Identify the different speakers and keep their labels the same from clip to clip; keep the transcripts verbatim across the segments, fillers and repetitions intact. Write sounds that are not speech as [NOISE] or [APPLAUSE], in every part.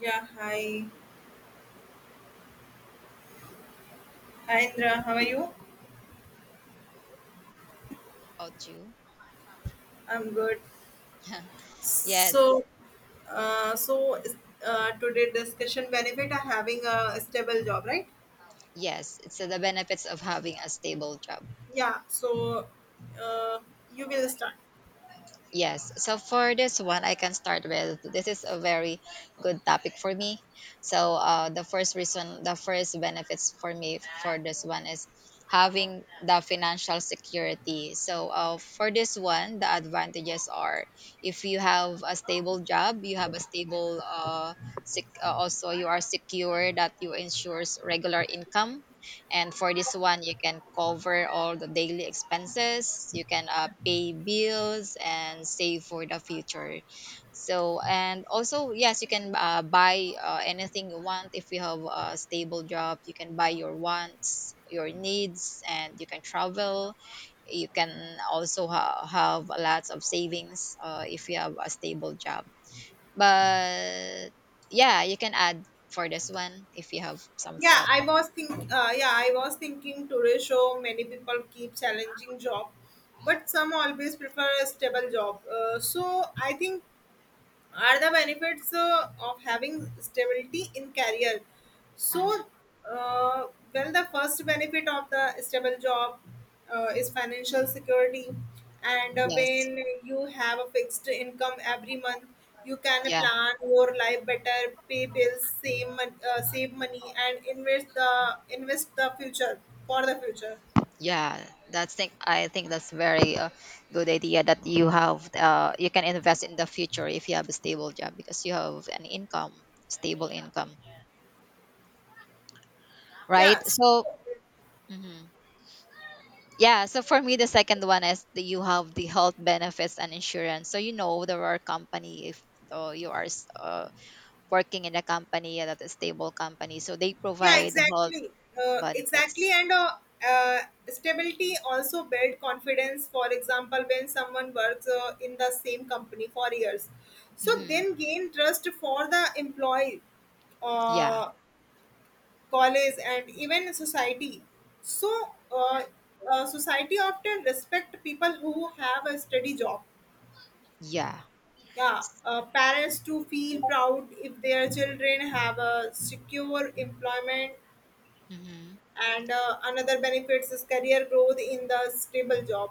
Speaker 1: Yeah, hi. Hi, Indra. How are you?
Speaker 2: About you.
Speaker 1: I'm good.
Speaker 2: [LAUGHS] Yes,
Speaker 1: So, uh, so uh, today discussion benefit of having a stable job, right?
Speaker 2: yes. It's uh, the benefits of having a stable job.
Speaker 1: Yeah. So, uh, you will start.
Speaker 2: Yes. So for this one, I can start with this is a very good topic for me. So uh, the first reason, the first benefits for me for this one is having the financial security. So uh, for this one, the advantages are if you have a stable job, you have a stable uh, sec- uh, also you are secure that you ensures regular income, and for this one you can cover all the daily expenses. You can uh, pay bills and save for the future. So and also yes, you can uh, buy uh, anything you want. If you have a stable job, you can buy your wants, your needs, and you can travel. You can also ha- have lots of savings uh, if you have a stable job. But yeah, you can add for this one if you have some
Speaker 1: Yeah,
Speaker 2: thought.
Speaker 1: I was think. Uh, yeah, I was thinking today show many people keep challenging job, but some always prefer a stable job. Uh, so I think are the benefits uh, of having stability in career so
Speaker 2: Mhm.
Speaker 1: uh, well the first benefit of the stable job uh, is financial security and uh,
Speaker 2: Yes.
Speaker 1: when you have a fixed income every month you can
Speaker 2: Yeah.
Speaker 1: plan your life better pay bills save, mon- uh, save money and invest the invest the future for the future.
Speaker 2: Yeah, that's think I think that's very uh, good idea that you have uh, you can invest in the future if you have a stable job because you have an income, stable income,
Speaker 1: Yeah.
Speaker 2: right?
Speaker 1: So
Speaker 2: So mhm. Yeah, so for me the second one is that you have the health benefits and insurance. So you know there are company if uh, you are s- uh, working in a company, yeah, that is stable company, so they
Speaker 1: yeah,
Speaker 2: provide health
Speaker 1: exactly. Uh, exactly
Speaker 2: benefits.
Speaker 1: and uh, uh, stability also build confidence. For example, when someone works uh, in the same company for years so
Speaker 2: Hmm.
Speaker 1: then gain trust for the employee,
Speaker 2: Yeah,
Speaker 1: uh, college and even society. So uh, uh, society often respect people who have a steady job.
Speaker 2: yeah.
Speaker 1: Yeah. Uh, parents to feel proud if their children have a secure employment.
Speaker 2: Mhm.
Speaker 1: And uh, another benefits is career growth in the stable job.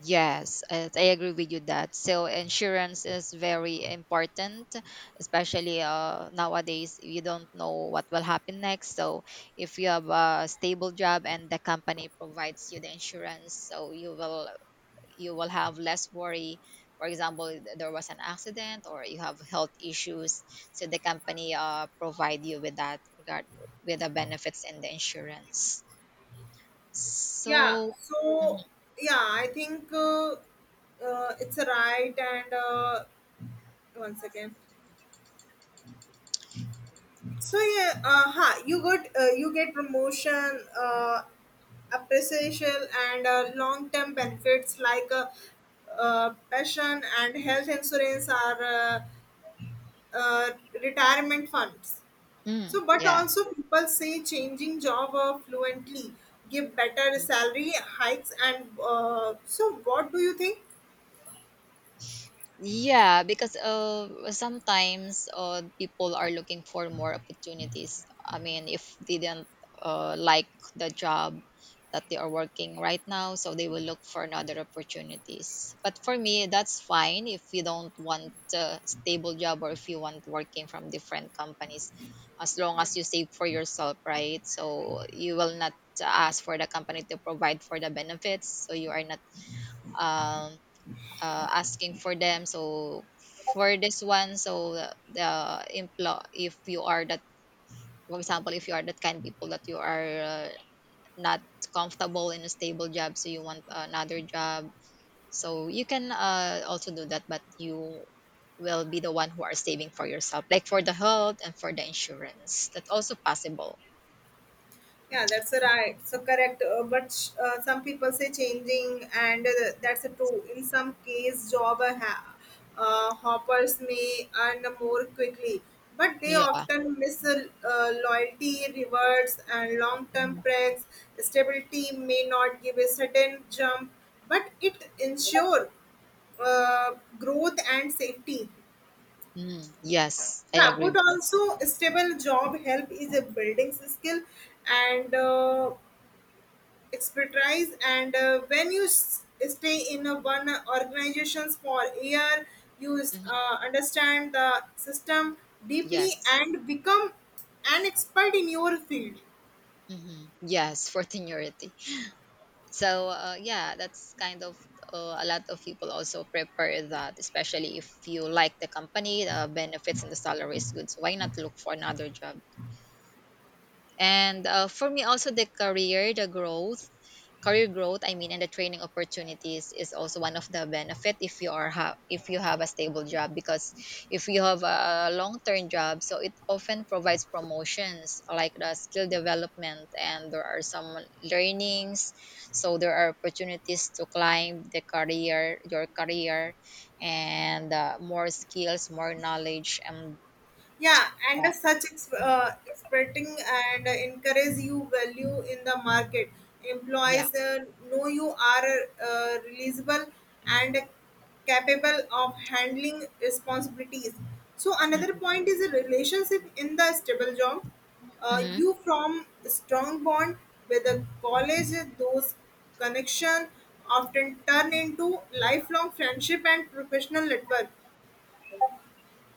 Speaker 2: Yes, I I agree with you that. So insurance is very important, especially uh, nowadays you don't know what will happen next. So if you have a stable job and the company provides you the insurance, so you will you will have less worry. For example, th- there was an accident or you have health issues, so the company uh, provide you with that regard with the benefits and the insurance.
Speaker 1: Yeah,
Speaker 2: So,
Speaker 1: so
Speaker 2: mhm.
Speaker 1: yeah I think uh, uh, it's a right. And uh, one second. So yeah, uh, huh, you got uh, you get promotion, uh, appreciation, and uh, long term benefits like uh, uh, pension and health insurance are uh, uh, retirement funds.
Speaker 2: Mm,
Speaker 1: So, but
Speaker 2: yeah.
Speaker 1: also people say changing job uh, fluently give better salary hikes. And uh, so what do you think?
Speaker 2: Yeah, because uh, sometimes uh, people are looking for more opportunities. I mean, if they didn't uh, like the job that they are working right now, so they will look for another opportunities. But for me, that's fine if you don't want a stable job or if you want working from different companies, as long
Speaker 1: Yeah.
Speaker 2: as you save for yourself, right? So you will not ask for the company to provide for the benefits, so you are not um uh, asking for them. So for this one, so the the employ if you are that, for example, if you are that kind of people that you are uh, not comfortable in a stable job, so you want another job, so you can uh, also do that, but you will be the one who are saving for yourself, like for the health and for the insurance. That's also possible.
Speaker 1: Yeah, that's a right. So correct. Uh, but sh- uh, some people say changing, and uh, that's a true. In some case, job uh, ha- uh, hoppers may earn more quickly, but they
Speaker 2: Yeah.
Speaker 1: often miss uh, uh, loyalty, rewards, and long-term
Speaker 2: Mhm.
Speaker 1: perks. Stability may not give a sudden jump, but it, yeah, ensure uh, growth and safety.
Speaker 2: Mm, yes, I
Speaker 1: Yeah,
Speaker 2: agree
Speaker 1: but
Speaker 2: with you.
Speaker 1: also stable job help is a building skill and uh, expertise. And uh, when you s- stay in a one organizations for a year, you
Speaker 2: Mhm.
Speaker 1: uh, understand the system deeply
Speaker 2: Yes.
Speaker 1: and become an expert in your field.
Speaker 2: Hmm, yes, for [LAUGHS] seniority. So uh, yeah, that's kind of uh, a lot of people also prepare that, especially if you like the company, the benefits and the salary is good, so why not look for another job. And uh, for me, also the career, the growth, career growth. I mean, and the training opportunities is also one of the benefit if you are ha- if you have a stable job, because if you have a long term job, so it often provides promotions like the skill development and there are some learnings. So there are opportunities to climb the career, your career, and uh, more skills, more knowledge, and
Speaker 1: Yeah, and
Speaker 2: uh,
Speaker 1: as such ex-
Speaker 2: hmm,
Speaker 1: uh, expecting and encourage you value in the market.
Speaker 2: yeah.
Speaker 1: Employees uh, know you are uh, releasable and capable of handling responsibilities. So another point is a relationship in the stable job. Uh,
Speaker 2: Mhm.
Speaker 1: you from strong bond with the college, those connection often turn into lifelong friendship and professional network.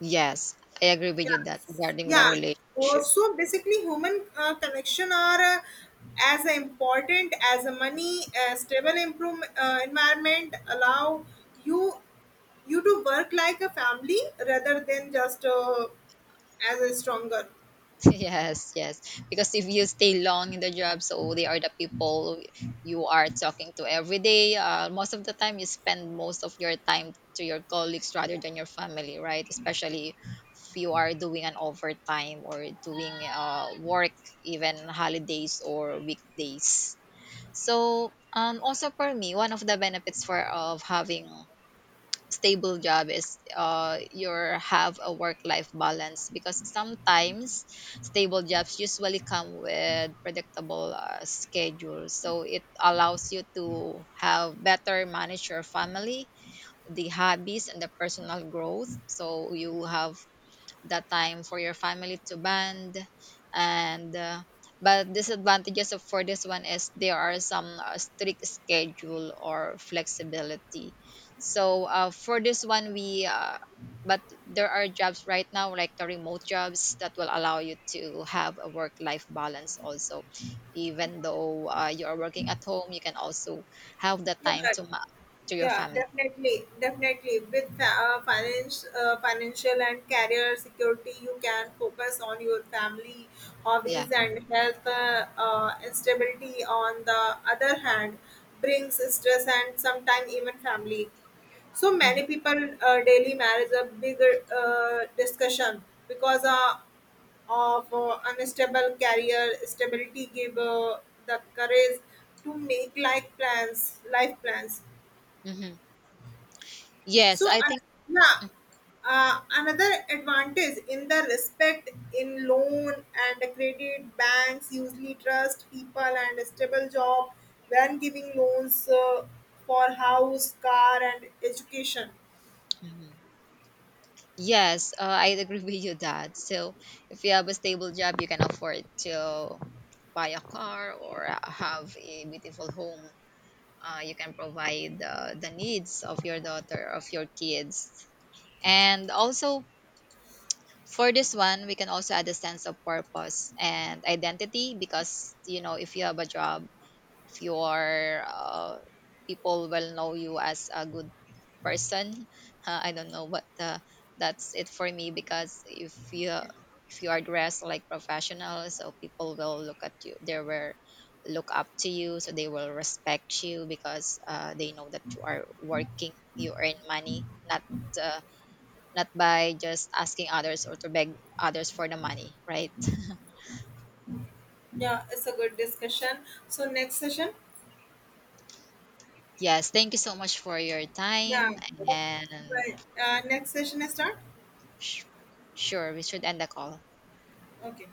Speaker 2: Yes, I agree with you that
Speaker 1: Yes.
Speaker 2: regarding with a
Speaker 1: Yeah. Uh,
Speaker 2: relationship. [LAUGHS]
Speaker 1: so basically, human uh, connection are uh, as important as a money, a stable improve, uh, environment allow you you to work like a family rather than just uh, as a stronger.
Speaker 2: Yes, yes. Because if you stay long in the job, so they are the people you are talking to every day. Uh, most of the time, you spend most of your time to your colleagues rather than your family, right? Especially if you are doing an overtime or doing uh, work, even holidays or weekdays. So, um, also for me, one of the benefits for of having stable job is uh your have a work life balance, because sometimes stable jobs usually come with predictable uh, schedules, so it allows you to have better manage your family, the hobbies and the personal growth. So you have that time for your family to bond. And uh, but disadvantages of for this one is there are some uh, strict schedule or flexibility. So uh, for this one we uh, but there are jobs right now like the remote jobs that will allow you to have a work life balance also, even though uh, you are working at home, you can also have the
Speaker 1: Yeah.
Speaker 2: time to ma- to your
Speaker 1: Yeah,
Speaker 2: family.
Speaker 1: definitely, definitely. With fa- uh, finance, uh, financial and career security, you can focus on your family,
Speaker 2: Yeah.
Speaker 1: hobbies, and health. Uh, uh, instability, on the other hand, brings stress and sometimes even family. So
Speaker 2: Hmm.
Speaker 1: many people uh, daily marriage a bigger uh, discussion because uh, of uh, unstable career stability give uh, the courage to make life plans, life plans
Speaker 2: Hmm, yes,
Speaker 1: so,
Speaker 2: I
Speaker 1: an-
Speaker 2: think.
Speaker 1: yeah, uh, another advantage in the respect in loan and credit, banks usually trust people and a stable job when giving loans uh, for house, car, and education.
Speaker 2: Mhm. Yes, uh, I agree with you that. So if you have a stable job, you can afford to buy a car or have a beautiful home. Uh, you can provide uh, the needs of your daughter, of your kids. And also for this one, we can also add a sense of purpose and identity because, you know, if you have a job, if you are uh, people will know you as a good person. uh, I don't know, but uh, that's it for me. Because if you, if you are dressed like professional, so people will look at you, they will look up to you, so they will respect you because uh, they know that you are working, you earn money. Not uh, not by just asking others or to beg others for the money, right?
Speaker 1: Yeah, it's a good discussion. So, next session,
Speaker 2: Yes, thank you so much for your
Speaker 1: yeah,
Speaker 2: time. And
Speaker 1: right. Uh, next session is start.
Speaker 2: Sh- sure, we should end the call.
Speaker 1: Okay.